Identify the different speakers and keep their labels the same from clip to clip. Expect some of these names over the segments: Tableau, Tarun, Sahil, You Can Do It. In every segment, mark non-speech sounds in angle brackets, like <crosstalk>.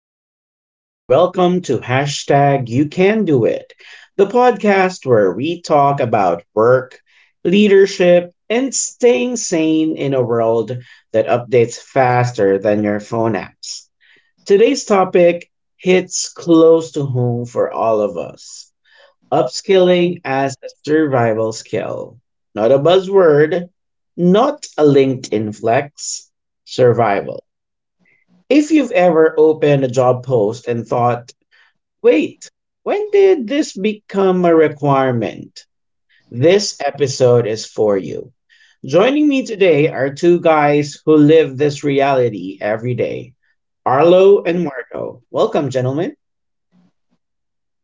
Speaker 1: everyone, and welcome to hashtag You Can Do It, the podcast where we talk about work, leadership, and staying sane in a world that updates faster than your phone apps. Today's topic hits close to home for all of us upskilling as a survival skill. Not a buzzword, not a LinkedIn flex, survival. If you've ever opened a job post and thought, wait, when did this become a requirement? This episode is for you. Joining me today are two guys who live this reality every day Arlo and Marco. Welcome, gentlemen.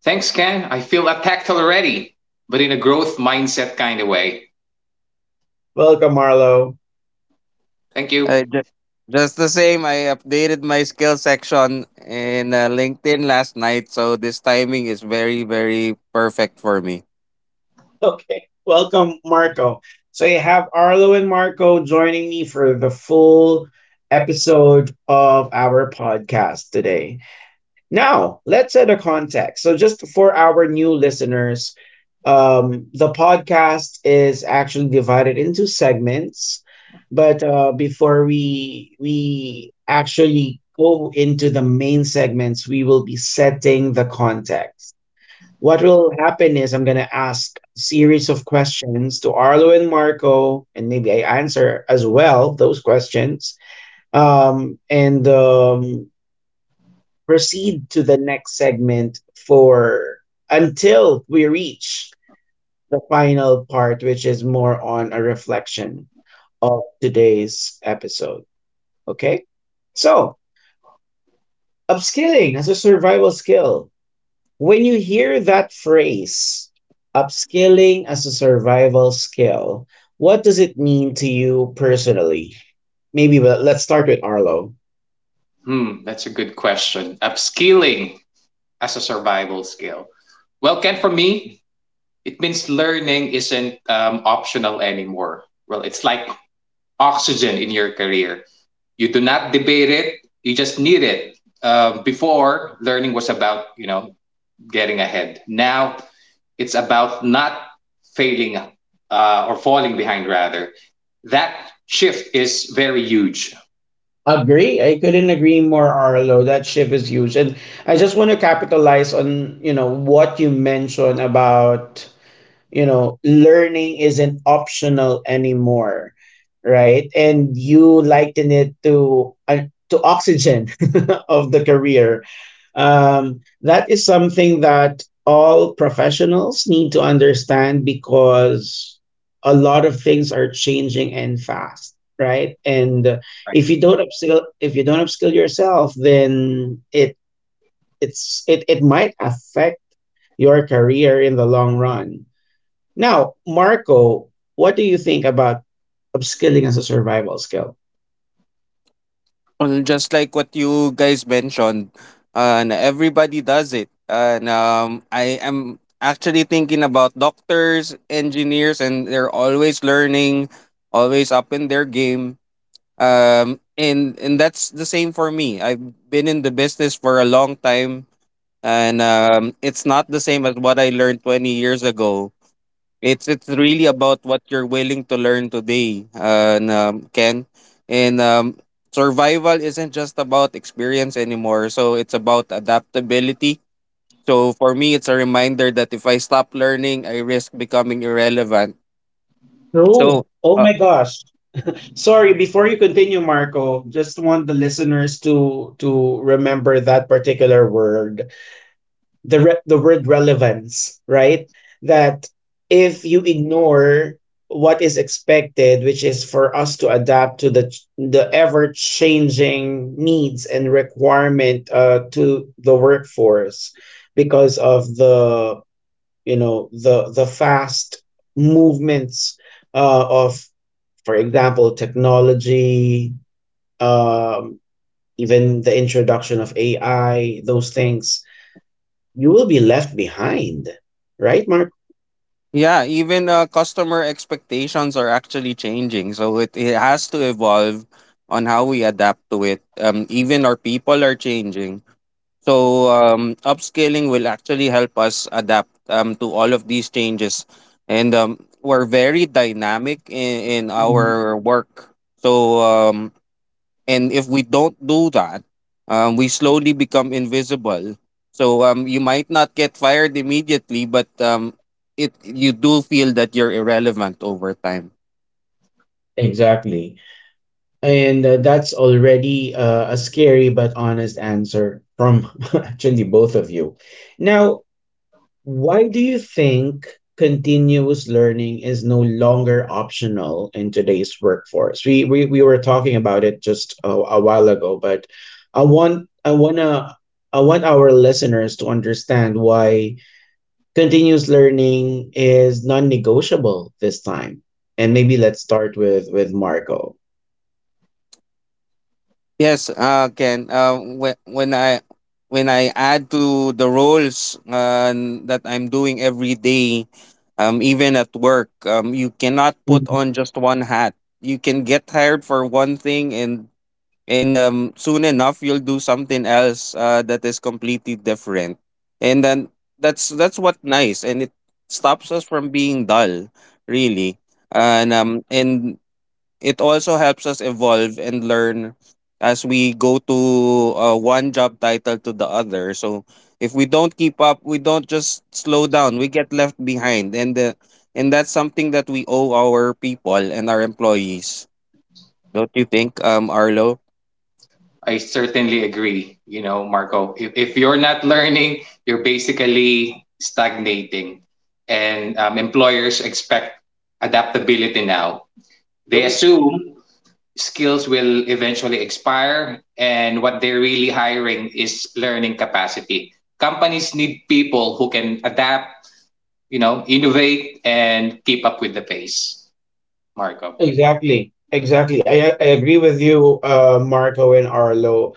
Speaker 2: Thanks, Ken. I feel attacked already, but in a growth mindset kind of way.
Speaker 1: Welcome, Arlo. <laughs>
Speaker 2: Thank you.
Speaker 3: Uh, ju- just the same, I updated my skill section in LinkedIn last night, so this timing is very, very perfect for me.
Speaker 1: Okay. Welcome, Marco. So you have Arlo and Marco joining me for the full episode of our podcast today. Now, let's set a context. So, just for our new listeners, the podcast is actually divided into segments. But before we actually go into the main segments, we will be setting the context. What will happen is I'm gonna ask a series of questions to Arlo and Marco, and maybe I answer as well those questions. And Proceed to the next segment for until we reach the final part, which is more on a reflection of today's episode. Okay? So, upskilling as a survival skill. When you hear that phrase, upskilling as a survival skill, what does it mean to you personally? Maybe well, let's start with Arlo.
Speaker 2: That's a good question. Upskilling as a survival skill. Well, Ken, for me, it means learning isn't optional anymore. Well, it's like oxygen in your career. You do not debate it, you just need it. Before, learning was about, you know, getting ahead. Now, it's about not failing or falling behind rather. That shift is very huge.
Speaker 1: Agree. I couldn't agree more, Arlo. That ship is huge. And I just want to capitalize on, you know, what you mentioned about, you know, learning isn't optional anymore, right? And you liken it to oxygen <laughs> of the career, um, that is something that all professionals need to understand because a lot of things are changing and fast, right? And if
Speaker 2: Right?
Speaker 1: you don't upskill, if you don't upskill yourself, then it might affect your career in the long run. Now, Marco, what do you think about upskilling as a survival skill?
Speaker 3: Well, just like what you guys mentioned, and everybody does it, and I am actually thinking about doctors, engineers, and they're always learning, always up in their game. And that's the same for me. I've been in the business for a long time and it's not the same as what I learned 20 years ago. It's really about what you're willing to learn today, and Ken, and survival isn't just about experience anymore. So it's about adaptability. So for me, it's a reminder that if I stop learning, I risk becoming irrelevant.
Speaker 1: True.
Speaker 3: So.
Speaker 1: Oh
Speaker 3: Uh,
Speaker 1: my gosh. Sorry, before you continue, Marco, just want the listeners to remember that particular word, the word relevance, right? That if you ignore what is expected, which is for us to adapt to the ever changing needs and requirement to the workforce because of the, you know, the fast movements of, for example, technology, um, even the introduction of AI, those things you will be left behind, right, Mark?
Speaker 3: yeah, even customer expectations are actually changing. So it has to evolve on how we adapt to it. Even our people are changing. So upscaling will actually help us adapt to all of these changes, and we're very dynamic in
Speaker 1: Mhm.
Speaker 3: our work. And if we don't do that, we slowly become invisible. So you might not get fired immediately, but it you do feel that you're irrelevant over time.
Speaker 1: Exactly. And that's already a scary but honest answer from <laughs> actually both of you. Now, why do you think continuous learning is no longer optional in today's workforce? We were talking about it just a while ago, but I want I wanna I want our listeners to understand why continuous learning is non-negotiable this time. And maybe let's start with Marco.
Speaker 3: Yes, Ken. When I add to the roles that I'm doing every day, even at work, you cannot put
Speaker 1: Mhm.
Speaker 3: on just one hat. You can get hired for one thing, and soon enough you'll do something else that is completely different. And then that's what nice, and it stops us from being dull, really. And it also helps us evolve and learn as we go to one job title to the other. So if we don't keep up, we don't just slow down. We get left behind, and that's something that we owe our people and our employees. Don't you think, Arlo?
Speaker 2: I certainly agree, you know, Marco. If you're not learning, you're basically stagnating, and employers expect adaptability now. They
Speaker 1: True.
Speaker 2: assume skills will eventually expire, and what they're really hiring is learning capacity. Companies need people who can adapt, you know, innovate and keep up with the pace. Marco,
Speaker 1: Exactly. Exactly. I agree with you, Marco and Arlo.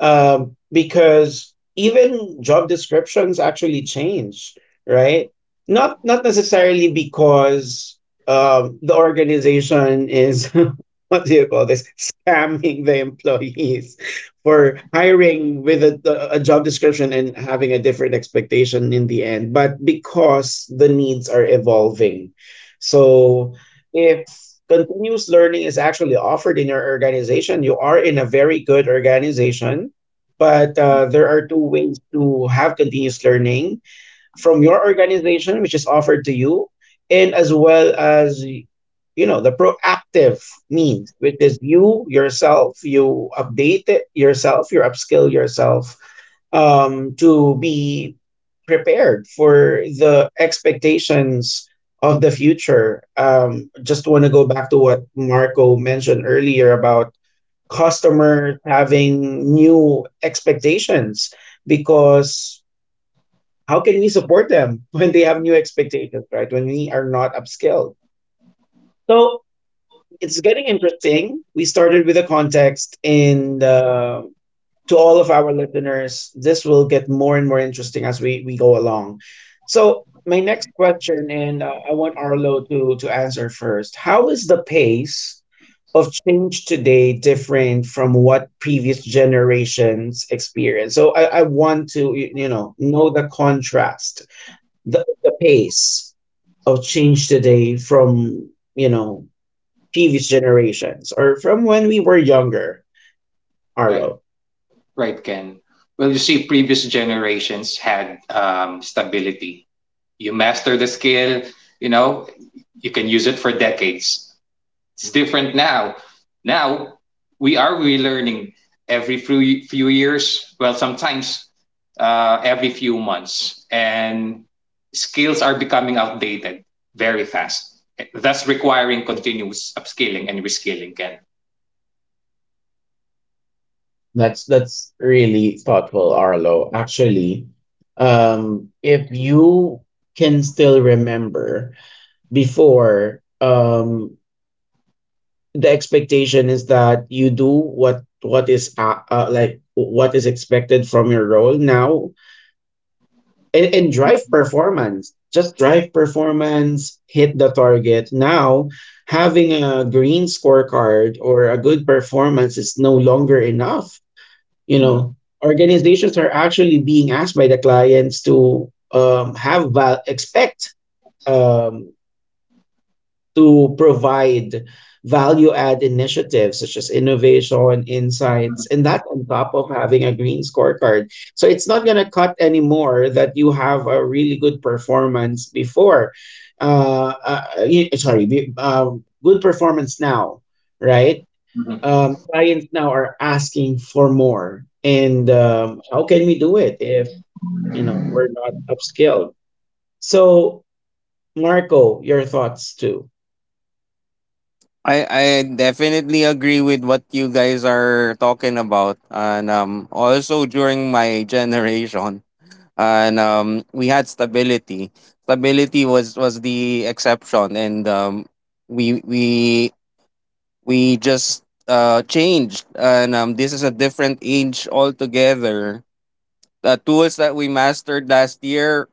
Speaker 1: Um, because even job descriptions actually change, right? Not necessarily because, the organization is <laughs> what do you call this, scamming the employees for hiring with a job description and having a different expectation in the end, but because the needs are evolving. So if continuous learning is actually offered in your organization, you are in a very good organization. But there are two ways to have continuous learning from your organization, which is offered to you, and as well as, you know, the proactive means, which is you yourself, you update it yourself, you upskill yourself, to be prepared for the expectations of the future. Just want to go back to what Marco mentioned earlier about customers having new expectations because how can we support them <laughs> when they have new expectations, right? When we are not upskilled. So it's getting interesting. We started with a context and, to all of our listeners, this will get more and more interesting as we go along. So my next question, and I want Arlo to answer first. How is the pace of change today different from what previous generations experienced? So I want to, you know the contrast, the pace of change today from, you know, previous generations or from when we were younger,
Speaker 2: right,
Speaker 1: arlo.
Speaker 2: right, Ken. Well, you see, previous generations had stability. You master the skill, you know, you can use it for decades. It's different now. Now we are relearning every few years. Well, sometimes every few months, and skills are becoming outdated very fast, thus requiring continuous upskilling and reskilling. Ken.
Speaker 1: That's really thoughtful, arlo. Actually, um, if you can still remember before, um, the expectation is that you do what is like what is expected from your role. Now and drive performance, just drive performance, hit the target. Now having a green scorecard or a good performance is no longer enough, you
Speaker 2: Mhm,
Speaker 1: know. Organizations are actually being asked by the clients to, expect, um, to provide value add initiatives such as innovation, insights,
Speaker 2: mhm,
Speaker 1: and that on top of having a green scorecard. So it's not going to cut anymore that you have a really good performance before, sorry, good performance now, right?
Speaker 2: mhm.
Speaker 1: Clients now are asking for more, and how can we do it if, you know, we're not upskilled? So, Marco, your thoughts too.
Speaker 3: I definitely agree with what you guys are talking about, and also during my <laughs> generation. And We had stability. Stability was the exception, and um, we we we just changed, and this is a different age altogether. The tools that we mastered last year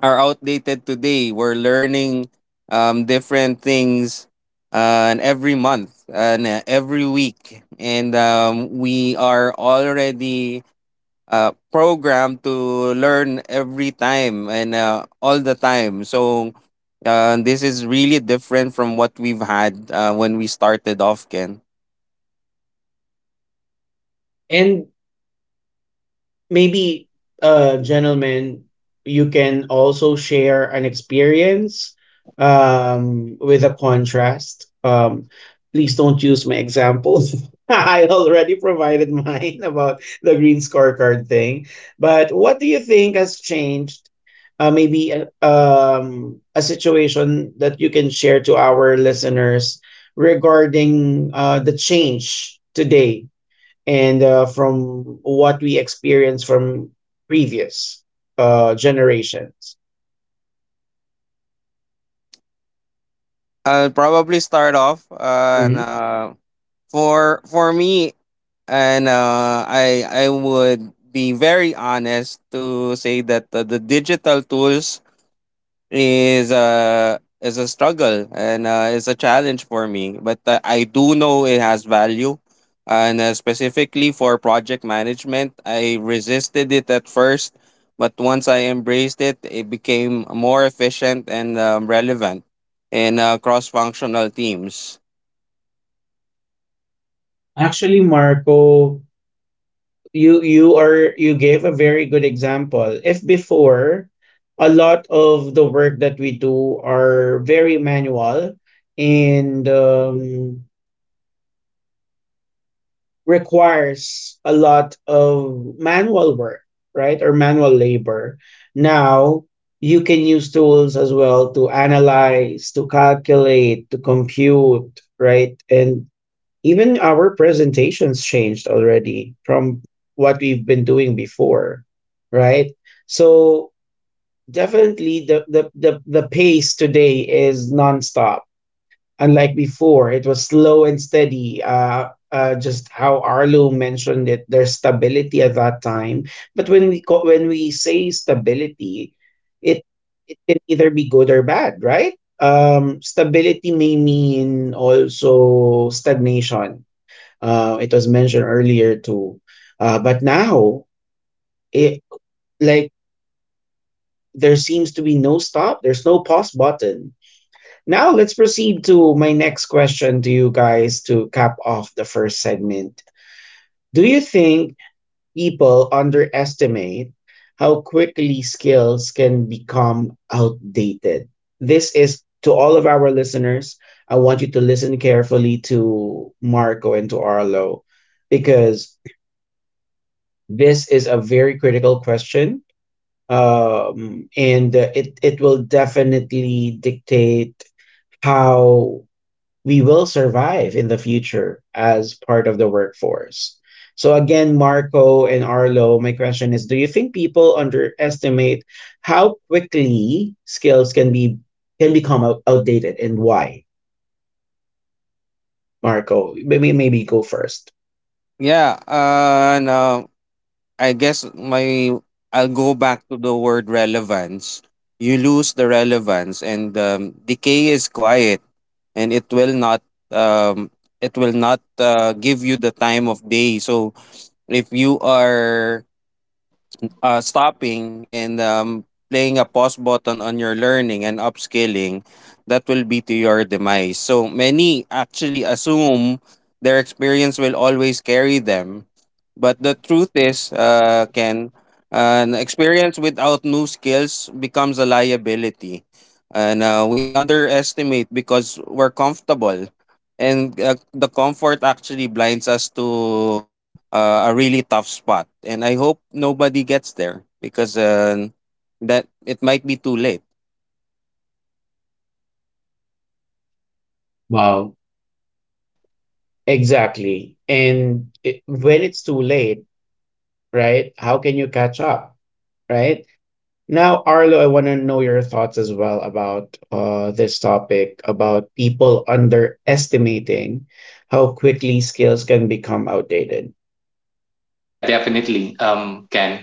Speaker 3: are outdated today. We're learning different things, and every month and every week, and we are already program to learn every time and all the time. So this is really different from what we've had when we started off, Ken.
Speaker 1: And maybe, uh, gentlemen, you can also share an experience, um, with a contrast. Um, please don't use my examples <laughs> I already provided mine about the green scorecard thing. But what do you think has changed? Maybe a situation that you can share to our listeners regarding the change today and, from what we experience from previous, generations.
Speaker 3: I'll probably start off and,
Speaker 1: Mhm.
Speaker 3: for me and I would be very honest to say that the digital tools is a struggle and is a challenge for me. But I do know it has value, and specifically for project management, I resisted it at first, but once I embraced it, it became more efficient and relevant in cross-functional teams.
Speaker 1: Actually, Marco, you gave a very good example. If before, a lot of the work that we do are very manual, and, requires a lot of manual work, right? Or manual labor. Now, you can use tools as well to analyze, to calculate, to compute, right? And even our presentations changed already from what we've been doing before, right? So definitely the pace today is nonstop, unlike before, it was slow and steady. Just how Arlo mentioned it, there's stability at that time. But when we say stability, it it can either be good or bad, right? Stability may mean also stagnation. It was mentioned earlier too. But now, it like there seems to be no stop. There's no pause button. Now let's proceed to my next question to you guys to cap off the first segment. Do you think people underestimate how quickly skills can become outdated? This is to all of our listeners. I want you to listen carefully to Marco and to Arlo because this is a very critical question. And it will definitely dictate how we will survive in the future as part of the workforce. So again, Marco and Arlo, my question is, do you think people underestimate how quickly skills can become outdated and why? Marco, maybe go first.
Speaker 3: Yeah, and I guess my I'll go back to the word relevance. You lose the relevance, and decay is quiet, and it will not um, give you the time of day. So if you are stopping and playing a pause button on your learning and upskilling, that will be to your demise. So many actually assume their experience will always carry them. But the truth is, Ken, an experience without new skills becomes a liability. And We underestimate because we're comfortable. And The comfort actually blinds us to a really tough spot, and I hope nobody gets there because that it might be too late.
Speaker 1: Wow. Exactly. And it, when it's too late, right? How can you catch up, right? Now, Arlo, I want to know your thoughts as well about this topic about people underestimating how quickly skills can become outdated.
Speaker 2: Yeah, definitely. Can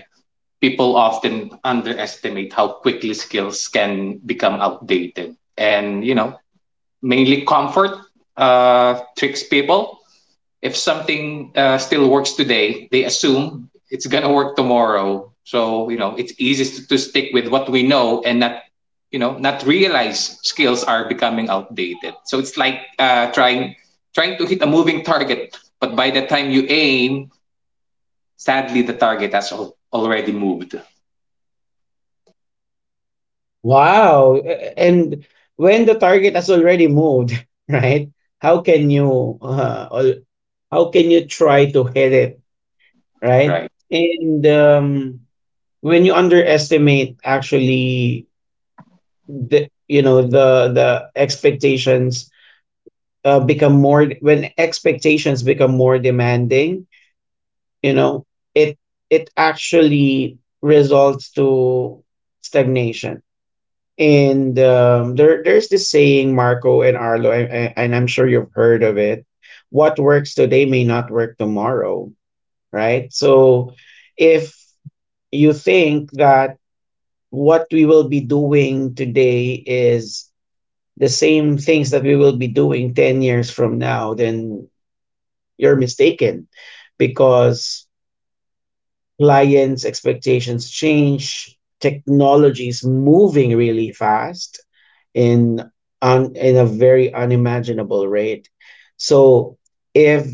Speaker 2: people often underestimate how quickly skills can become outdated, and you know, mainly comfort tricks people. If something still works today, they assume it's gonna work tomorrow. So you know, it's easy to stick with what we know and not, you know, not realize skills are becoming outdated. So it's like trying to hit a moving target, but by the time you aim, sadly the target has already moved.
Speaker 1: Wow. A- And when the target has already moved, <laughs> right? How can you how can you try to hit it, right?
Speaker 2: Right,
Speaker 1: And um, when you underestimate actually the, you know, the expectations, become more, when expectations become more demanding, you know, it it actually results to stagnation. And there's this saying, marco and arlo, I'm sure you've heard of it: what works today may not work tomorrow, right? So if you think that what we will be doing today is the same things that we will be doing 10 years from now, then you're mistaken because clients' expectations change, technology is moving really fast in in a very unimaginable rate. So if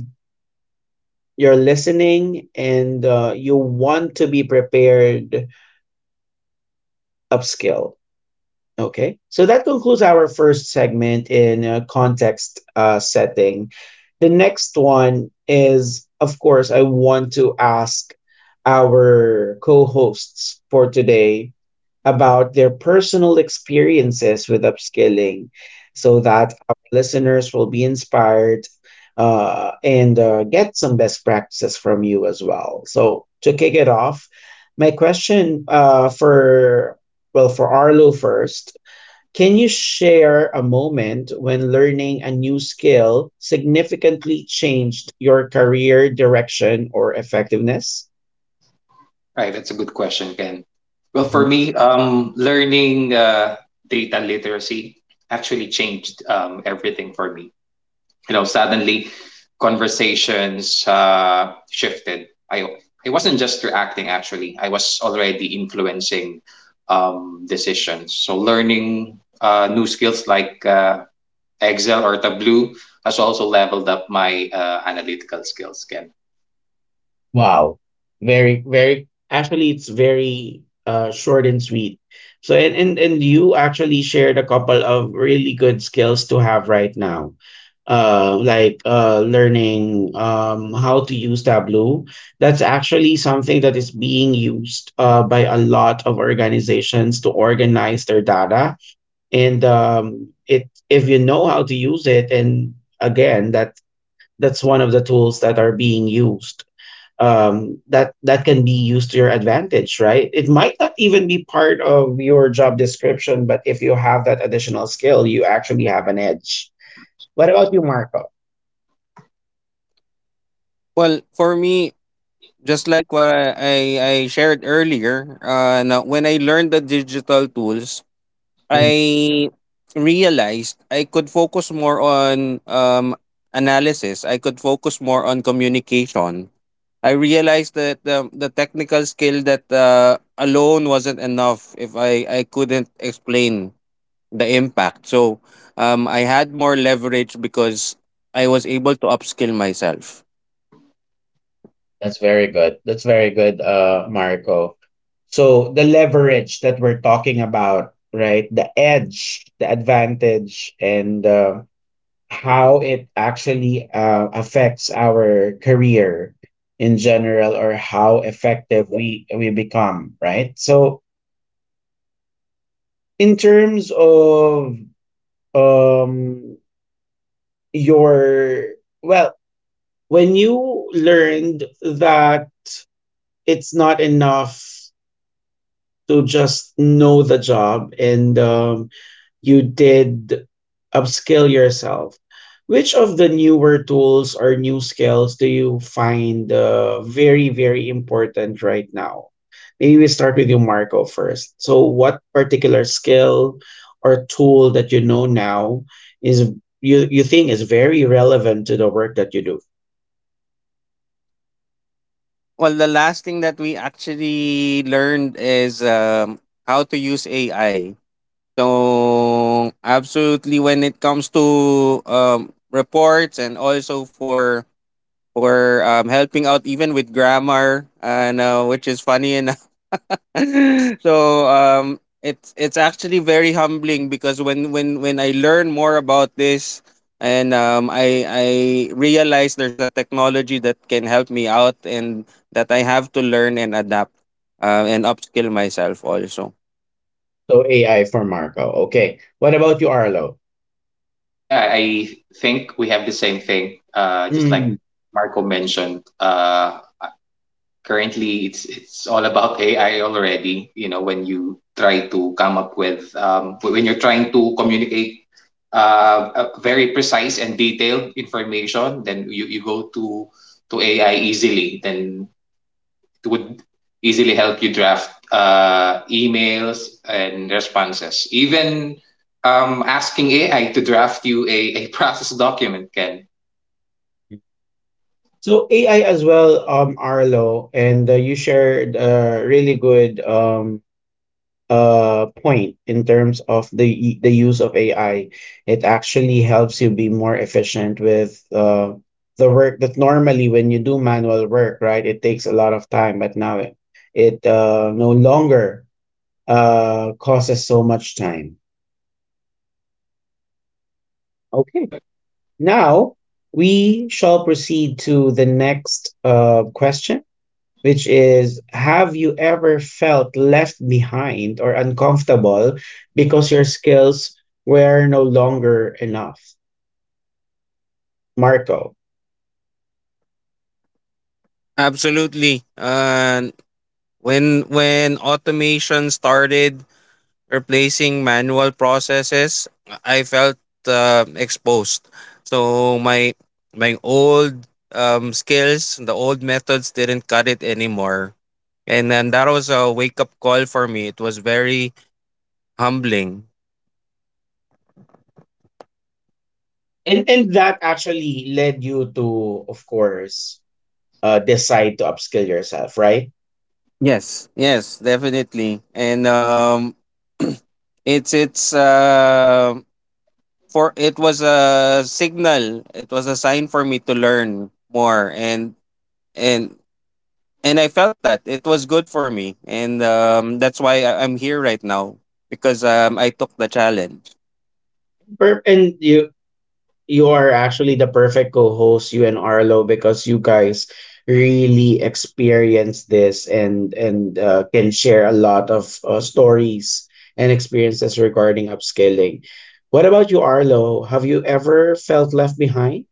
Speaker 1: you're listening and, you want to be prepared, upskill. Okay. So that concludes our first segment in, context, setting. The next one is, of course, I want to ask our co hosts for today about their personal experiences with upskilling so that our listeners will be inspired, and get some best practices from you as well. So, to kick it off, my question, for, well, for Arlo first, can you share a moment when learning a new skill significantly changed your career direction or effectiveness?
Speaker 2: right, that's a good question, Ken. Well, for me, learning data literacy actually changed everything for me. You know, suddenly conversations shifted. I wasn't just reacting, actually I was already influencing decisions. So learning new skills like Excel or Tableau has also leveled up my analytical skills, Ken.
Speaker 1: Wow. Very, very, actually, it's very, short and sweet. So, and you actually shared a couple of really good skills to have right now. Like, learning, how to use Tableau. That's actually something that is being used by a lot of organizations to organize their data. And it if you know how to use it, and again, that's one of the tools that are being used, that that can be used to your advantage, right? It might not even be part of your job description, but if you have that additional skill, you actually have an edge. What about you, Marco?
Speaker 3: Well, for me, just like what I shared earlier, now when I learned the digital tools, I
Speaker 1: Mhm.
Speaker 3: realized I could focus more on analysis. I could focus more on communication. I realized that the technical skill that alone wasn't enough if I couldn't explain the impact. So I had more leverage because I was able to upskill myself.
Speaker 1: That's very good. That's very good, Marco. So the leverage, how it actually affects our career in general, or how effective we become, right? So in terms of um your, well, when you learned that it's not enough to just know the job, and you did upskill yourself. Which of the newer tools or new skills do you find very, very important right now? Maybe we start with you, Marco, first. So, what particular skill or tool that you know now is, you think is very relevant to the work that you do?
Speaker 3: Well, the last thing that we actually learned is how to use AI. So absolutely, when it comes to reports and also for helping out even with grammar and which is funny enough <laughs> so it's actually very humbling because when I learn more about this and I realize there's a technology that can help me out and that I have to learn and adapt and upskill myself also.
Speaker 1: So AI for Marco. Okay. What about you, Arlo?
Speaker 2: Yeah, I think we have the same thing. Just like
Speaker 1: Mm.
Speaker 2: Marco mentioned, currently it's all about AI already. You know, when you try to come up with when you're trying to communicate very precise and detailed information, then you go to AI easily. Then would easily help you draft emails and responses. Even asking AI to draft you a <laughs> process document can.
Speaker 1: So AI as well, Arlo, and you shared a really good uh, point in terms of the use of AI. It actually helps you be more efficient with uh, the work that normally when you do manual work, right, it takes a lot of time, but now it uh, no longer uh, causes so much time. Okay.
Speaker 2: Yep,
Speaker 1: Now we shall proceed to the next uh, question, which is, have you ever felt left behind or uncomfortable because your skills were no longer enough, Marco?
Speaker 3: Absolutely. When automation started replacing manual processes, I felt exposed. So my old skills, the old methods didn't cut it anymore. And then that was a wake up call for me. It was very humbling.
Speaker 1: And that actually led you to, of course, decide to upskill yourself, right?
Speaker 3: Yes, yes, definitely. And it's it's uh, it was a signal. It was a sign for me to learn more and and I felt that it was good for me, and that's why I'm here right now because I took the challenge.
Speaker 1: And you are actually the perfect co-host, you and Arlo, because you guys really experience this, and can share a lot of stories and experiences regarding upscaling. What about you, Arlo? Have you ever felt left behind?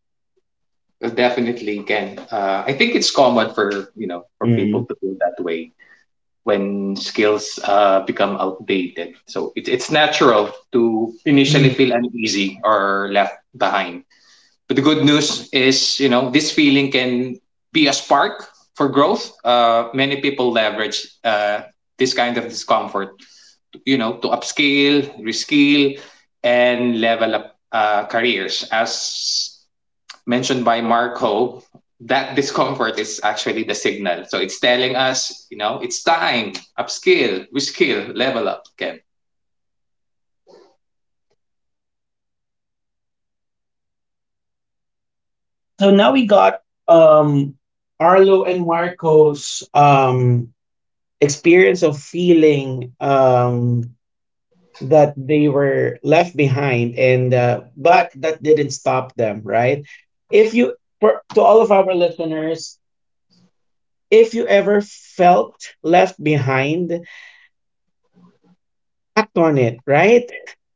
Speaker 2: definitely, can. I think it's common, for you know, for people
Speaker 1: Mm.
Speaker 2: to feel that way when skills become outdated. So it, it's natural to initially
Speaker 1: Mm.
Speaker 2: feel uneasy or left behind. But the good news is, you know, this feeling can be a spark for growth. Many people leverage this kind of discomfort, you know, to upscale, reskill, and level up careers. As mentioned by Marco, that <laughs> discomfort is actually the signal. So it's telling us, you know, it's time, upskill, reskill, level up, Ken.
Speaker 1: So now we got um, Arlo and Marco's um, experience of feeling um, that they were left behind and but that didn't stop them, right? If you, for, to all of our listeners, if you ever felt left behind, act on it, right? <laughs>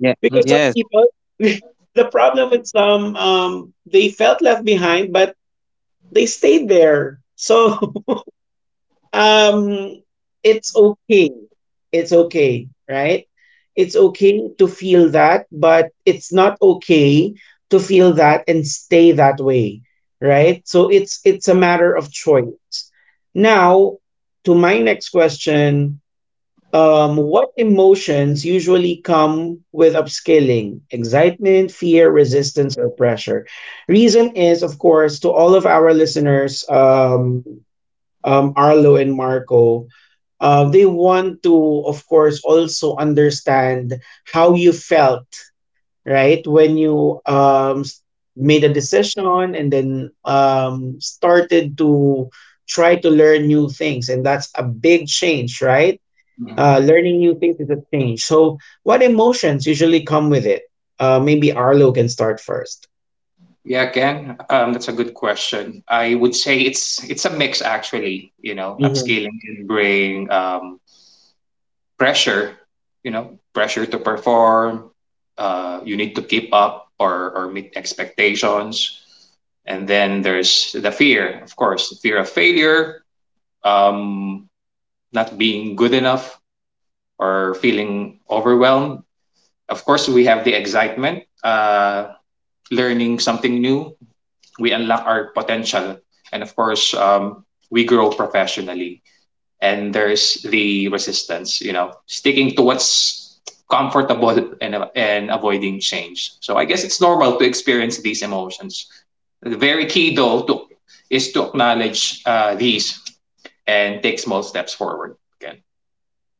Speaker 3: Yeah.
Speaker 2: Mhm.
Speaker 1: some
Speaker 3: Yes.
Speaker 1: people, <laughs> the problem with some um, they felt left behind, but they stayed there. So <laughs> um, it's okay. It's okay, right? It's okay to feel that, but it's not okay to feel that and stay that way, right? So it's a matter of choice. Now, to my next question, um, what emotions usually come with upscaling? Excitement, fear, resistance, or pressure? Reason is, of course, to all of our listeners, Arlo and Marco, they want to, of course, also understand how you felt, right, when you made a decision, and then started to try to learn new things. And that's a big change, right? Learning new things is a change. So, what emotions usually come with it? Maybe Arlo can start first.
Speaker 2: Yeah, Ken, that's a good question. I would say it's a mix actually. You know, upscaling can bring pressure. You know, pressure to perform. You need to keep up or meet expectations. And then there's the fear, of course, the fear of failure, um, not being good enough, or feeling overwhelmed. Of course, we have the excitement, learning something new, we unlock our potential, and of course, we grow professionally. And there's the resistance, you know, sticking to what's comfortable and avoiding change. So I guess it's normal to experience these emotions. The very key, though, to, is to acknowledge these and take small steps forward.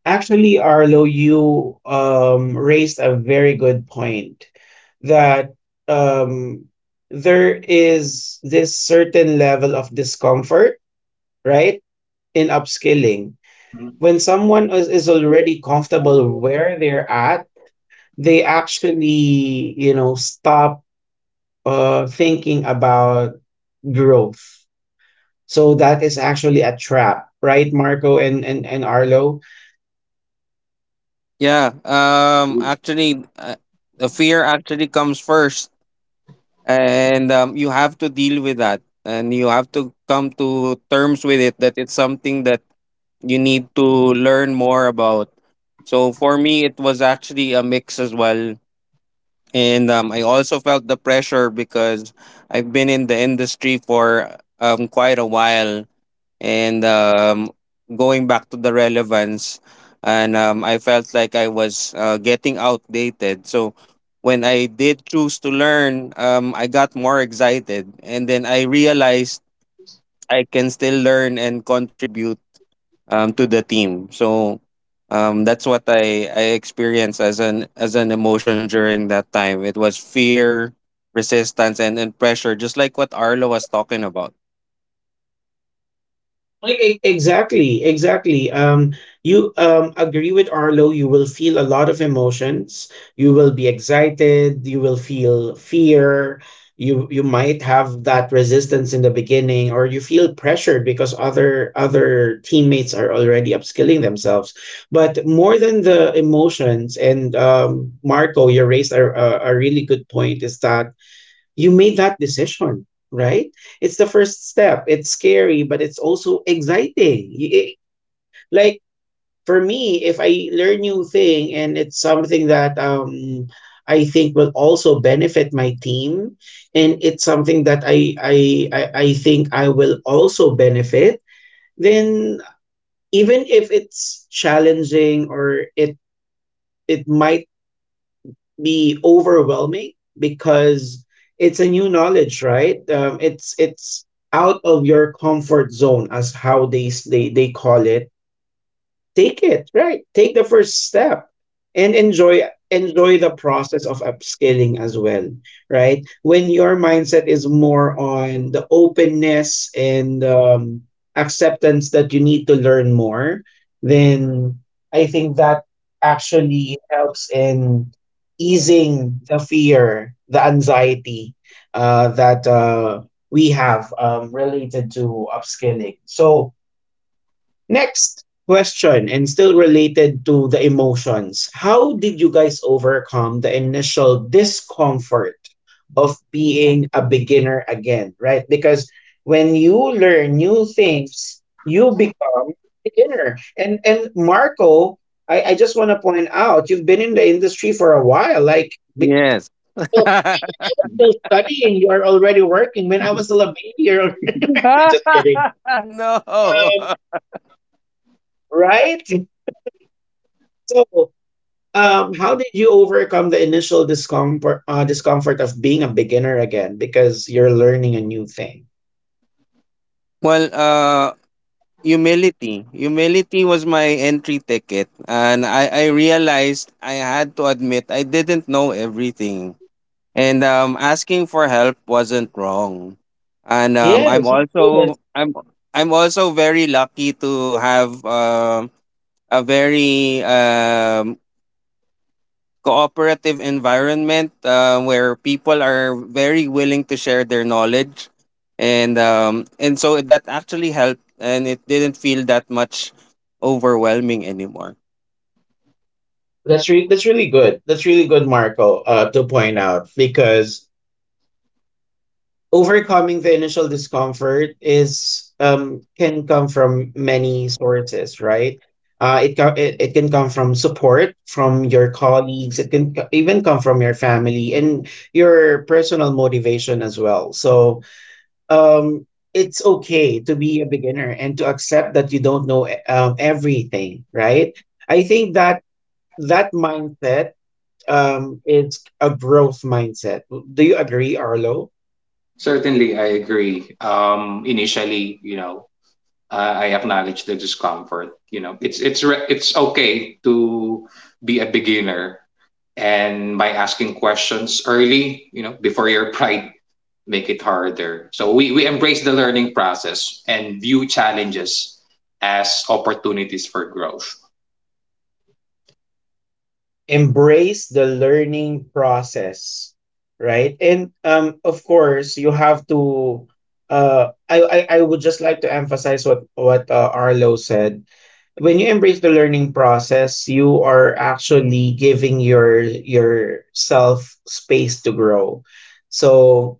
Speaker 1: Actually, Arlo, you raised a very good point that um, there is this certain level of discomfort, right, in upskilling.
Speaker 2: Again.
Speaker 1: When someone is already comfortable where they're at, they actually, you know, stop thinking about growth. So that is actually a trap, right, Marco and Arlo?
Speaker 3: Yeah. Actually, the fear actually comes first. And you have to deal with that and you have to come to terms with it that it's something that you need to learn more about. So for me it was actually a mix as well, and I also felt the pressure because I've been in the industry for quite a while, and going back to the relevance, and I felt like I was getting outdated. So when I did choose to learn, I got more excited, and then I realized I can still learn and contribute to the team. So that's what I experienced as an emotion during that time. It was fear, resistance, and pressure, just like what Arlo was talking about.
Speaker 1: Exactly, exactly. You agree with Arlo, you will feel a lot of emotions. You will be excited, you will feel fear, you might have that resistance in the beginning, or you feel pressured because other teammates are already upskilling themselves. But more than the emotions, and Marco, you raised a really good point, is that you made that decision, right? It's the first step. It's scary, but it's also exciting. Like for me, if I learn new thing and it's something that um, I think will also benefit my team, and it's something that I think I will also benefit, then even if it's challenging, or it might be overwhelming because it's a new knowledge, right? It's out of your comfort zone, as how they call it. Take it, right? Take the first step and enjoy, enjoy the process of upscaling as well, right? When your mindset is more on the openness and acceptance that you need to learn more, then I think that actually helps in easing the fear, the anxiety that we have related to upscaling. So next question, and still related to the emotions. How did you guys overcome the initial discomfort of being a beginner again, right? Because when you learn new things, you become a beginner. And Marco, I just want to point out, you've been in the industry for a while. Like
Speaker 3: Yes. <laughs>
Speaker 1: still, still studying, you are already working. When I was still a baby, you're already <laughs> just kidding.
Speaker 3: <laughs> No.
Speaker 1: Um, right? So, um, how did you overcome the initial discomfort of being a beginner again, because you're learning a new thing?
Speaker 3: Well, humility. Humility was my entry ticket, and I realized I had to admit I didn't know everything, and asking for help wasn't wrong, and
Speaker 1: Yes, of course.
Speaker 3: I'm also very lucky to have a very cooperative environment where people are very willing to share their knowledge, and so that actually helped, and it didn't feel that much overwhelming anymore.
Speaker 1: That's really good. That's really good, Marco, to point out, because overcoming the initial discomfort is um, can come from many sources, right? It it can come from support from your colleagues. It can even come from your family and your personal motivation as well. So um, it's okay to be a beginner and to accept that you don't know everything, right? I think that that mindset um, is a growth mindset. Do you agree, Arlo?
Speaker 2: Certainly, I agree. Initially, you know, I acknowledge the discomfort. You know, it's okay to be a beginner, and by asking questions early, you know, before your pride make it harder. So we embrace the learning process and view challenges as opportunities for growth.
Speaker 1: Embrace the learning process, right? And um, of course, you have to uh, I would just like to emphasize what Arlo said. When you embrace the learning process, you are actually giving your yourself space to grow. So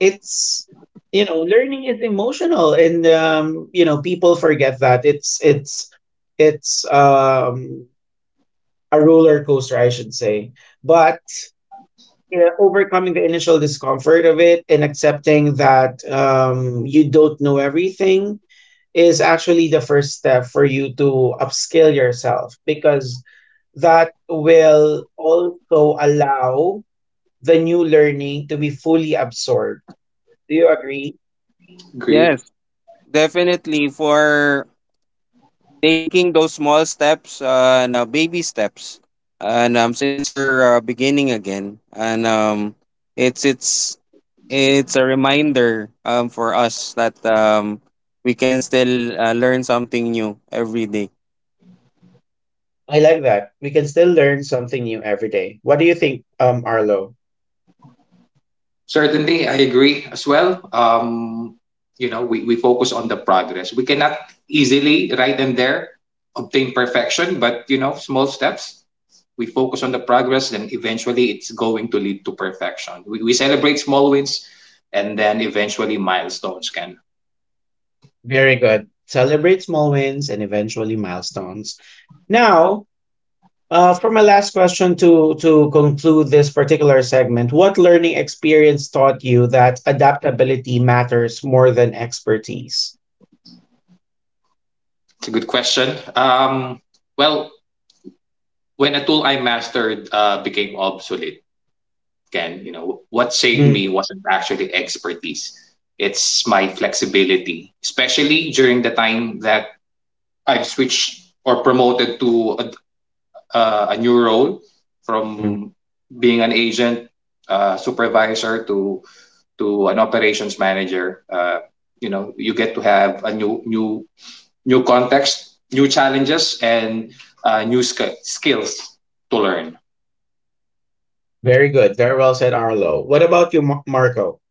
Speaker 1: it's, you know, learning is emotional, and um, you know, people forget that it's um, a roller coaster, I should say. But, you know, overcoming the initial discomfort of it and accepting that you don't know everything is actually the first step for you to upskill yourself, because that will also allow the new learning to be fully absorbed. Do you agree?
Speaker 2: Agree.
Speaker 3: Yes, definitely, for taking those small steps and baby steps, and since you're beginning again, and it's it's it's a reminder for us that we can still learn something new every day.
Speaker 1: I like that. We can still learn something new every day. What do you think, Arlo?
Speaker 2: Certainly, I agree as well. You know, we focus on the progress. We cannot easily, right and there, obtain perfection, but you know, small steps. We, focus on the progress, then eventually it's going to lead to perfection. We celebrate small wins, and then eventually milestones can.
Speaker 1: Very good. Celebrate small wins and eventually milestones. Now, for my last question to conclude this particular segment, what learning experience taught you that adaptability matters more than expertise?
Speaker 2: It's a good question. Well, when a tool I mastered became obsolete, Ken, you know, what saved me wasn't actually expertise. It's my flexibility, especially during the time that I've switched or promoted to a new role
Speaker 1: Mhm.
Speaker 2: from being an agent supervisor to an operations manager. You know, you get to have a new context, new challenges, and new skills to learn.
Speaker 1: Very good. Very well said, Arlo. What about you, Marco?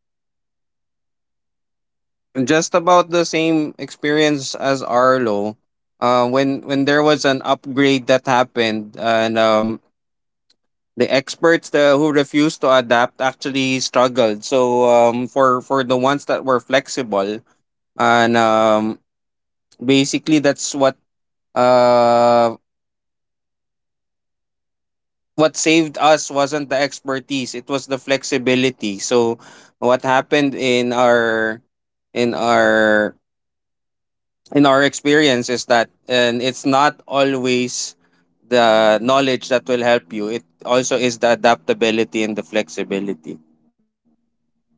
Speaker 3: Just about the same experience as Arlo. When there was an upgrade that happened, and the experts who refused to adapt actually struggled. So for the ones that were flexible, and basically that's uh what saved us wasn't the expertise, it was the flexibility. So what happened in our in our experience is that, and it's not always the knowledge that will help you, it also is the adaptability and the flexibility.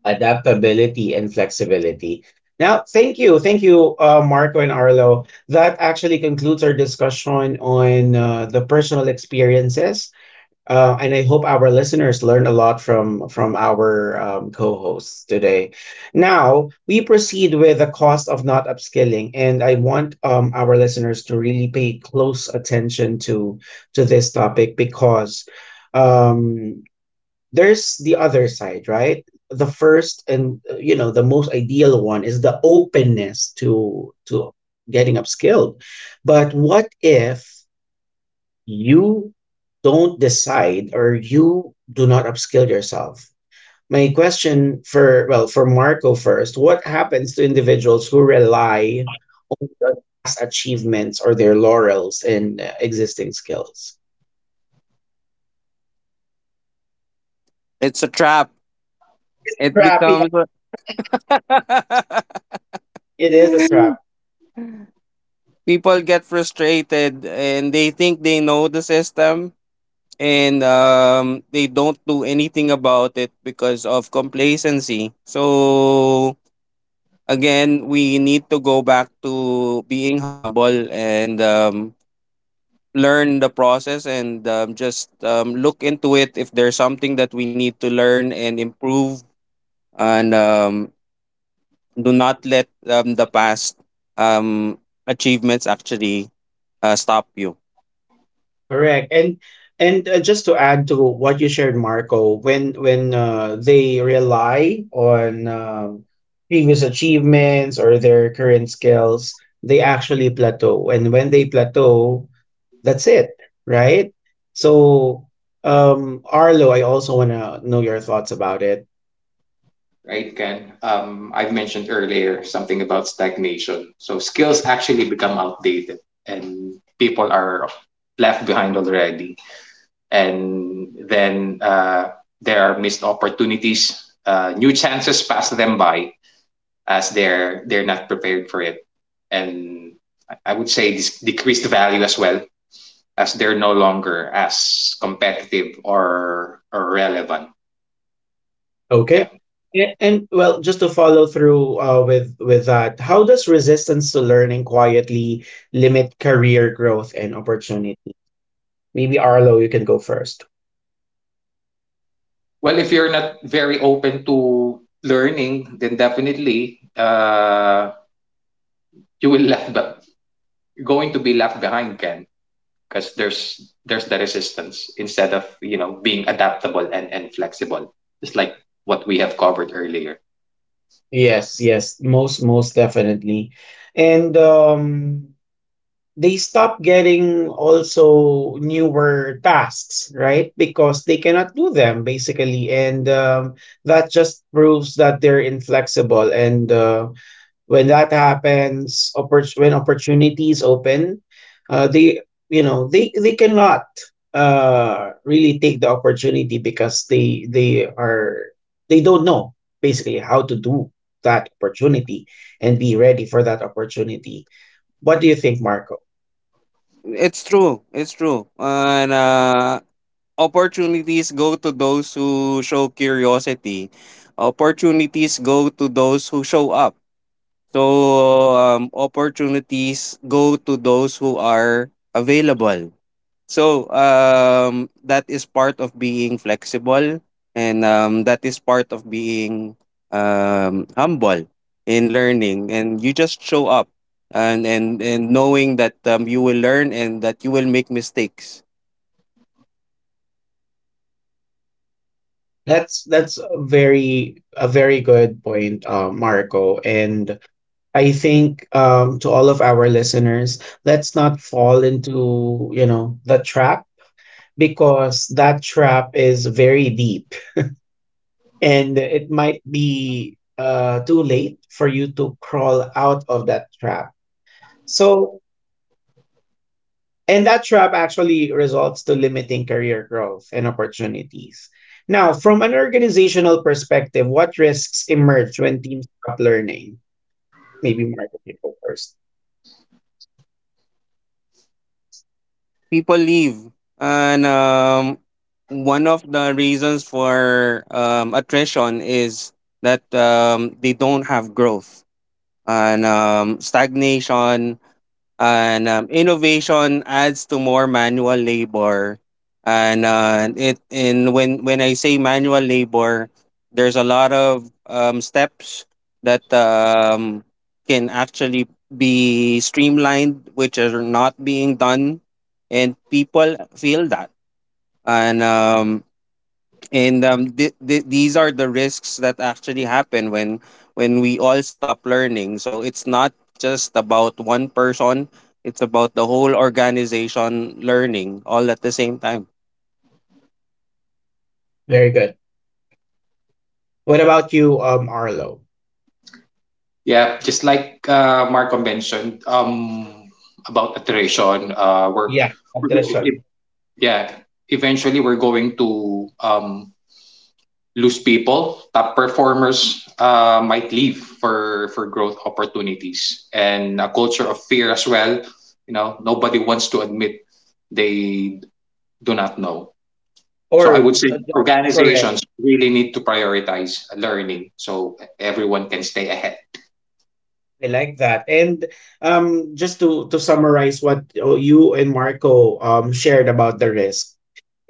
Speaker 1: Adaptability and flexibility. Now, thank you. Thank you, Marco and Arlo. That actually concludes our discussion on the personal experiences. And I hope our listeners learn a lot from our co-hosts today. Now we proceed with the cost of not upskilling, and I want our listeners to really pay close attention to this topic because um, there's the other side, right? The first and you know, the most ideal one is the openness to getting upskilled, but what if you don't decide or you do not upskill yourself. My question for, well, for Marco first, what happens to individuals who rely on past achievements or their laurels in existing skills?
Speaker 3: It's a trap. It
Speaker 1: Trap, yeah.
Speaker 3: becomes a- <laughs>
Speaker 1: It is a trap.
Speaker 3: People get frustrated and they think they know the system, and they don't do anything about it because of complacency. So again, we need to go back to being humble, and learn the process, and just look into it if there's something that we need to learn and improve, and do not let the past um, achievements actually stop you.
Speaker 1: Correct. And just to add to what you shared, Marco, when they rely on previous achievements or their current skills, they actually plateau. And when they plateau, that's it, right? So, Arlo, I also want to know your thoughts about it.
Speaker 2: Right, Ken? I've mentioned earlier something about stagnation. So skills actually become outdated and people are left behind already. And then there are missed opportunities, new chances pass them by as they're not prepared for it. And I would say this decreased value as well, as they're no longer as competitive or relevant.
Speaker 1: Okay.
Speaker 2: Yeah.
Speaker 1: And well, just to follow through with that, how does resistance to learning quietly limit career growth and opportunity? Maybe Arlo, you can go first.
Speaker 2: Well, if you're not very open to learning, then definitely you will left but going to be left behind, Ken, because there's the resistance instead of, you know, being adaptable and flexible, just like what we have covered earlier.
Speaker 1: Yes, yes, most most definitely. And um, they stop getting also newer tasks, right? Because they cannot do them basically, and that just proves that they're inflexible and when that happens, when opportunities open they, you know, they cannot really take the opportunity, because they are, they don't know basically how to do that opportunity and be ready for that opportunity. What do you think, Marco?
Speaker 3: It's true. It's true. And Opportunities go to those who show curiosity. Opportunities go to those who show up. So opportunities go to those who are available. So that is part of being flexible, and that is part of being humble in learning. And you just show up, and knowing that you will learn and that you will make mistakes.
Speaker 1: That's a very, a very good point, Marco. And I think to all of our listeners, let's not fall into, you know, the trap, because that trap is very deep, and it might be too late for you to crawl out of that trap. So, and that trap actually results to limiting career growth and opportunities. Now, from an organizational perspective, what risks emerge when teams stop learning? Maybe Marco can go first.
Speaker 3: People leave, and one of the reasons for attrition is that they don't have growth, and stagnation, and innovation adds to more manual labor, and when I say manual labor, there's a lot of steps that can actually be streamlined which are not being done, and people feel that, and um, and these are the risks that actually happen when we all stop learning. So it's not just about one person, it's about the whole organization learning all at the same time.
Speaker 1: Very good. What about you, Arlo?
Speaker 2: Yeah, just like Marco mentioned about iteration,
Speaker 1: Yeah,
Speaker 2: we're-
Speaker 1: attrition.
Speaker 2: yeah, eventually we're going to lose people. Top performers might leave for growth opportunities, and a culture of fear as well. You know, nobody wants to admit they do not know. So I
Speaker 1: Or
Speaker 2: would say
Speaker 1: correct.
Speaker 2: organizations really need to prioritize learning so everyone can stay ahead.
Speaker 1: I like that. And just to summarize what you and Marco um, shared about the risk,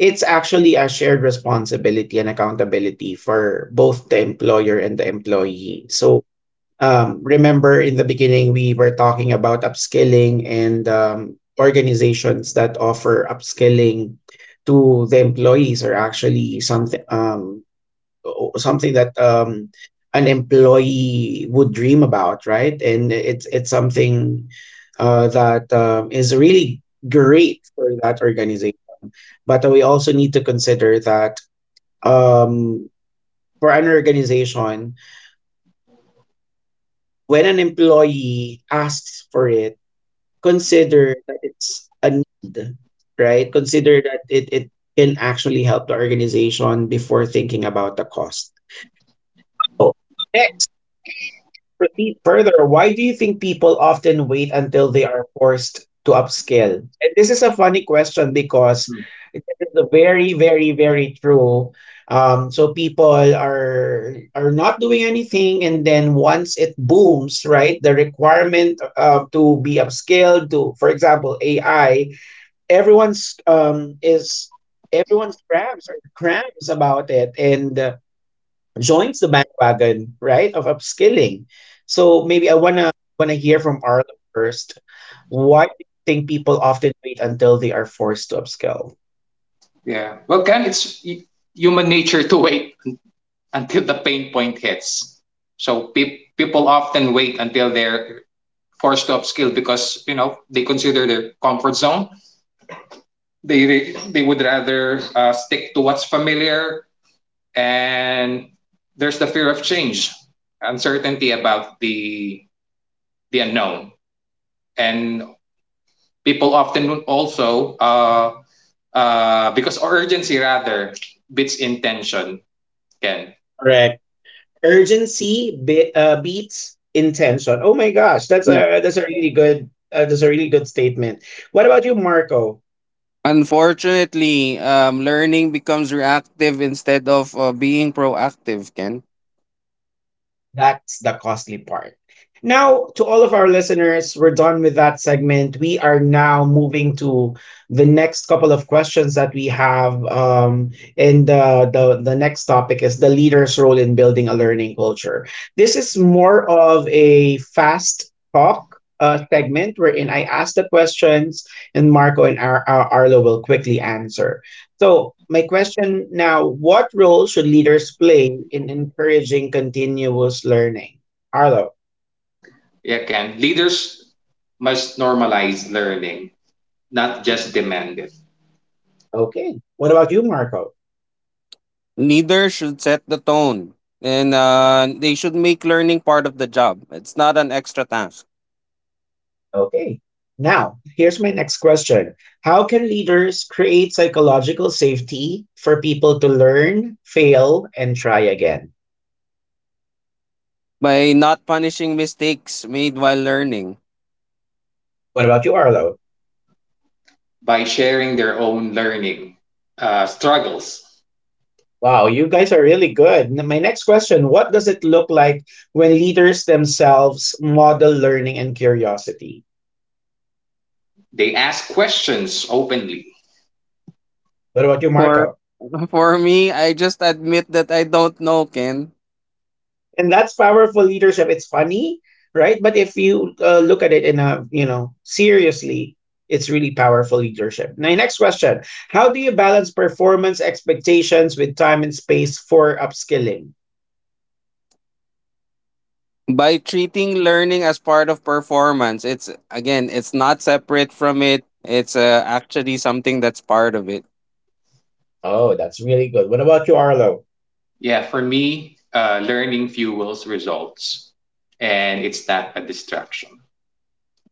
Speaker 1: it's actually a shared responsibility and accountability for both the employer and the employee. So, remember in the beginning, we were talking about upskilling and organizations that offer upskilling to the employees are actually something. Something that um, an employee would dream about, right? And it's something that is really great for that organization. But we also need to consider that um, for an organization, when an employee asks for it, consider that it's a need, right? Consider that it can actually help the organization before thinking about the cost. So, eh, proceed further. Why do you think people often wait until they are forced to upscale? And this is a funny question because
Speaker 2: Hmm.
Speaker 1: it is very, very, very true. So people are not doing anything, and then once it booms, right? The requirement to be upscaled to, for example, AI. Everyone's um is Everyone's crabs are crabs about it, and joins the bandwagon, right, of upskilling. So maybe I wanna wanna hear from Arlo first. Why do you think people often wait until they are forced to upskill?
Speaker 2: Yeah. Well, can it's human nature to wait <laughs> until the pain point hits. So people often wait until they're forced to upskill because, you know, they consider their comfort zone. They would rather stick to what's familiar, and there's the fear of change, uncertainty about the unknown. And people often also because urgency rather beats intention, can
Speaker 1: Correct. Beats intention. Oh my gosh, that's
Speaker 3: Yeah.
Speaker 1: a really good that's a really good statement. What about you, Marco?
Speaker 3: Unfortunately learning becomes reactive instead of being proactive, Ken.
Speaker 1: That's the costly part. Now, to all of our listeners, we're done with that segment. We are now moving to the next couple of questions that we have. And the next topic is the leader's role in building a learning culture. This is more of a fast talk segment wherein I ask the questions and Marco and Arlo will quickly answer. So, my question now, what role should leaders play in encouraging continuous learning? Arlo.
Speaker 2: yeah, can leaders must normalize learning, not just demand it.
Speaker 1: Okay. What about you, Marco?
Speaker 3: Leaders should set the tone, and they should make learning part of the job. It's not an extra task.
Speaker 1: Okay. Now, here's my next question. How can leaders create psychological safety for people to learn, fail, and try again?
Speaker 3: By not punishing mistakes made while learning.
Speaker 1: What about you, Arlo?
Speaker 2: By sharing their own learning struggles.
Speaker 1: Wow, you guys are really good. My next question, what does it look like when leaders themselves model learning and curiosity?
Speaker 2: They ask questions openly.
Speaker 1: What about you,
Speaker 3: For
Speaker 1: Marco?
Speaker 3: <laughs> For me, I just admit that I don't know, Ken.
Speaker 1: And that's powerful leadership. It's funny, right? But if you look at it in a, you know, seriously, it's really powerful leadership. My next question, how do you balance performance expectations with time and space for upskilling?
Speaker 3: By treating learning as part of performance, it's, again, it's not separate from it. It's actually something that's part of it.
Speaker 1: Oh, that's really good. What about you, Arlo?
Speaker 2: Yeah, for me, learning fuels results, and it's not a distraction.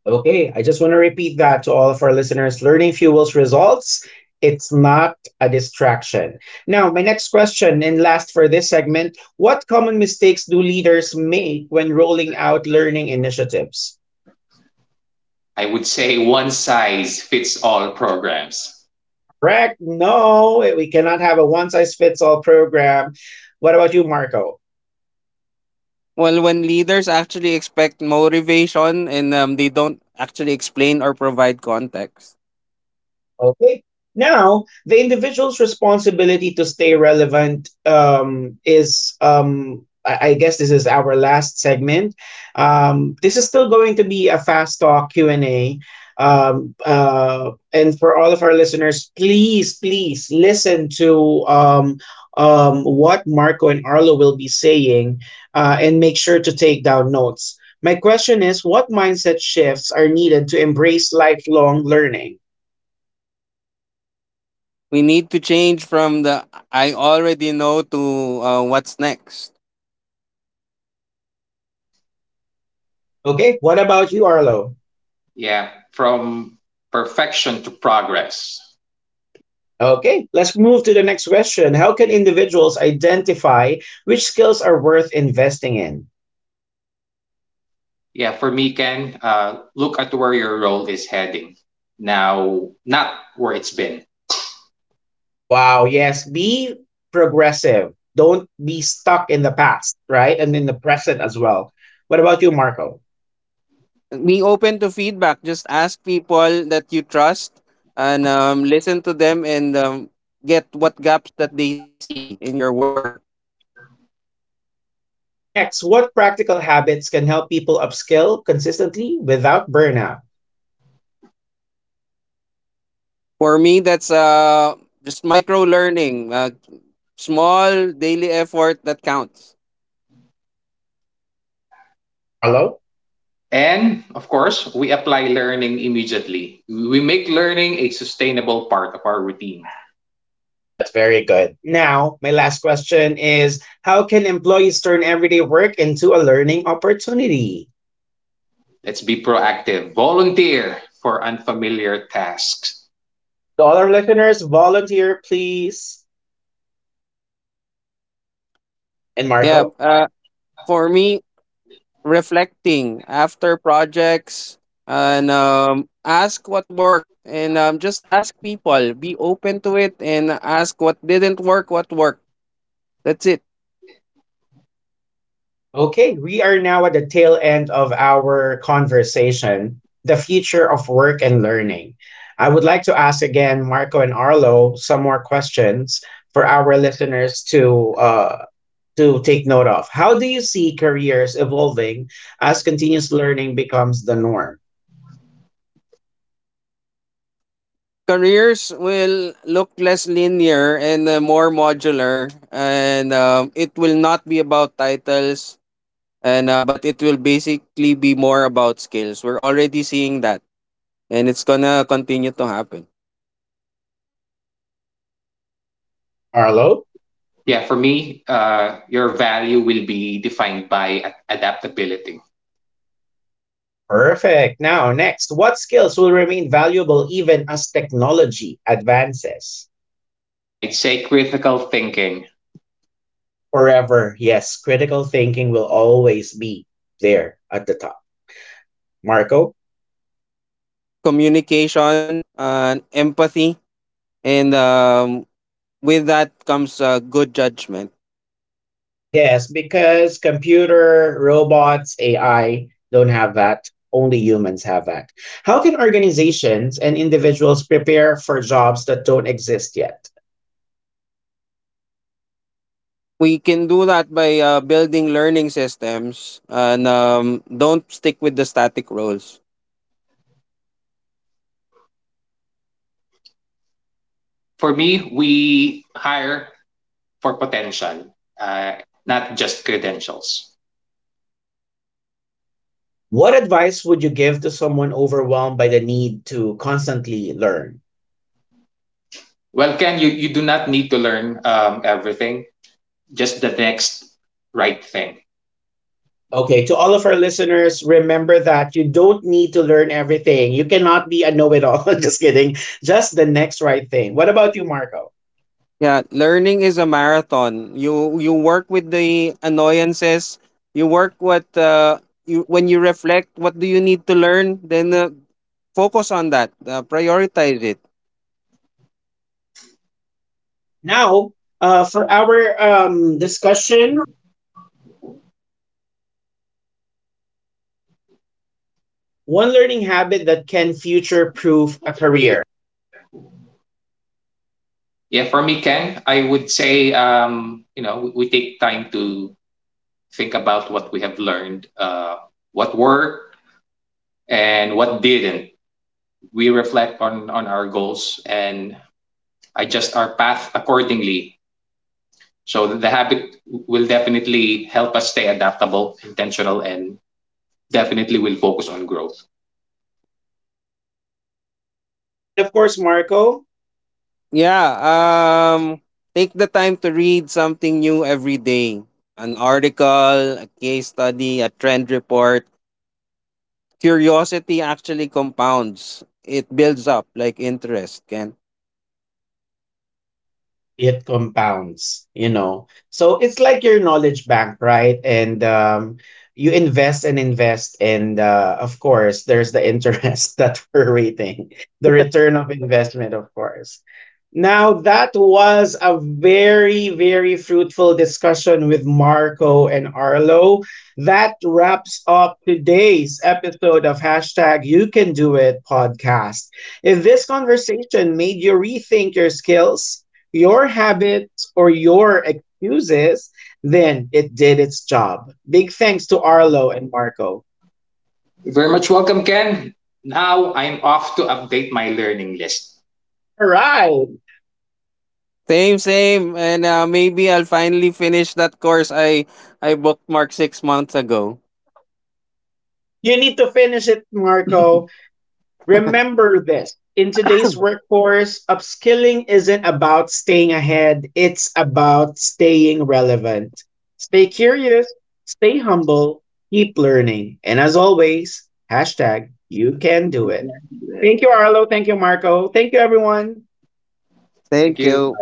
Speaker 1: Okay, I just want to repeat that to all of our listeners. Learning fuels results. It's not a distraction. Now, my next question and last for this segment, what common mistakes do leaders make when rolling out learning initiatives?
Speaker 2: I would say one size fits all programs.
Speaker 1: Correct? No, we cannot have a one size fits all program. What about you, Marco?
Speaker 3: Well, when leaders actually expect motivation and they don't actually explain or provide context,
Speaker 1: Okay. Now, the individual's responsibility to stay relevant is, I guess, this is our last segment. This is still going to be a fast talk Q and A. And for all of our listeners, please, please listen to what Marco and Arlo will be saying, and make sure to take down notes. My question is, what mindset shifts are needed to embrace lifelong learning?
Speaker 3: we need to change from the "I already know" to "what's next."
Speaker 1: Okay, what about you, Arlo?
Speaker 2: Yeah, from perfection to progress.
Speaker 1: Okay, let's move to the next question. How can individuals identify which skills are worth investing in?
Speaker 2: Yeah, for me, Ken, look at where your role is heading now, not where it's been.
Speaker 1: Wow, yes, be progressive. Don't be stuck in the past, right? And in the present as well. What about you, Marco?
Speaker 3: Be open to feedback. Just ask people that you trust, and listen to them, and get what gaps that they see in your work.
Speaker 1: Next, what practical habits can help people upskill consistently without burnout?
Speaker 3: For me, that's just micro learning, small daily effort that counts.
Speaker 1: Arlo?
Speaker 2: And of course, we apply learning immediately. We make learning a sustainable part of our routine.
Speaker 1: That's very good. Now, my last question is, how can employees turn everyday work into a learning opportunity?
Speaker 2: Let's be proactive, volunteer for unfamiliar tasks.
Speaker 1: To all our listeners, volunteer, please. And
Speaker 3: Yeah.
Speaker 1: Marco?
Speaker 3: For me, reflecting after projects, and ask what worked, and just ask people. Be open to it and ask what didn't work, what worked. That's it.
Speaker 1: Okay, we are now at the tail end of our conversation, the future of work and learning. I would like to ask again, Marco and Arlo, some more questions for our listeners to take note of. How do you see careers evolving as continuous learning becomes the norm?
Speaker 3: Careers will look less linear and more modular, and it will not be about titles and but it will basically be more about skills. We're already seeing that, and it's gonna continue to happen.
Speaker 1: Arlo?
Speaker 2: Yeah, for me, your value will be defined by adaptability.
Speaker 1: Perfect. Now, next, what skills will remain valuable even as technology advances?
Speaker 2: I'd say critical thinking.
Speaker 1: Forever, yes, critical thinking will always be there at the top. Marco?
Speaker 3: Communication and empathy, and with that comes good judgment.
Speaker 1: Yes, because computer, robots, AI don't have that. Only humans have that. How can organizations and individuals prepare for jobs that don't exist yet?
Speaker 3: We can do that by building learning systems, and don't stick with the static roles.
Speaker 2: For me, we hire for potential, uh, not just credentials.
Speaker 1: What advice would you give to someone overwhelmed by the need to constantly learn?
Speaker 2: Well, Ken, you do not need to learn everything, just the next right thing.
Speaker 1: Okay, to all of our listeners, remember that you don't need to learn everything. You cannot be a know it all. <laughs> Just kidding. Just the next right thing. What about you, Marco?
Speaker 3: Yeah, learning is a marathon. You work with the annoyances. You work what you when you reflect. What do you need to learn? Then focus on that. Prioritize it.
Speaker 1: Now, for our discussion, one learning habit that can future proof a career.
Speaker 2: Yeah, for me, Ken, I would say, you know, we take time to think about what we have learned, what worked and what didn't. We reflect on our goals and adjust our path accordingly. So the habit will definitely help us stay adaptable, intentional, and definitely will focus on growth.
Speaker 1: And of course, Marco,
Speaker 3: Yeah. Um. Take the time to read something new every day. An article, a case study, a trend report. Curiosity actually compounds. It builds up like interest, Can
Speaker 1: it compounds, you know, so it's like your knowledge bank, right, and you invest and invest and of course there's the interest <laughs> that we're rating, the return of investment, of course. Now, that was a very, very fruitful discussion with Marco and Arlo. That wraps up today's episode of #YouCanDoIt podcast. If this conversation made you rethink your skills, your habits, or your excuses, then it did its job. Big thanks to Arlo and Marco.
Speaker 2: Very much welcome, Ken. Now I'm off to update my learning list.
Speaker 1: All right.
Speaker 3: Same, same. And maybe I'll finally finish that course I bookmarked 6 months ago.
Speaker 1: You need to finish it, Marco. Remember this. In today's workforce, upskilling isn't about staying ahead, it's about staying relevant. Stay curious, stay humble, keep learning. And as always, #youcandoit. Thank you, Arlo. Thank you, Marco. Thank you, everyone.
Speaker 2: Thank
Speaker 3: Thank
Speaker 2: you.
Speaker 3: you.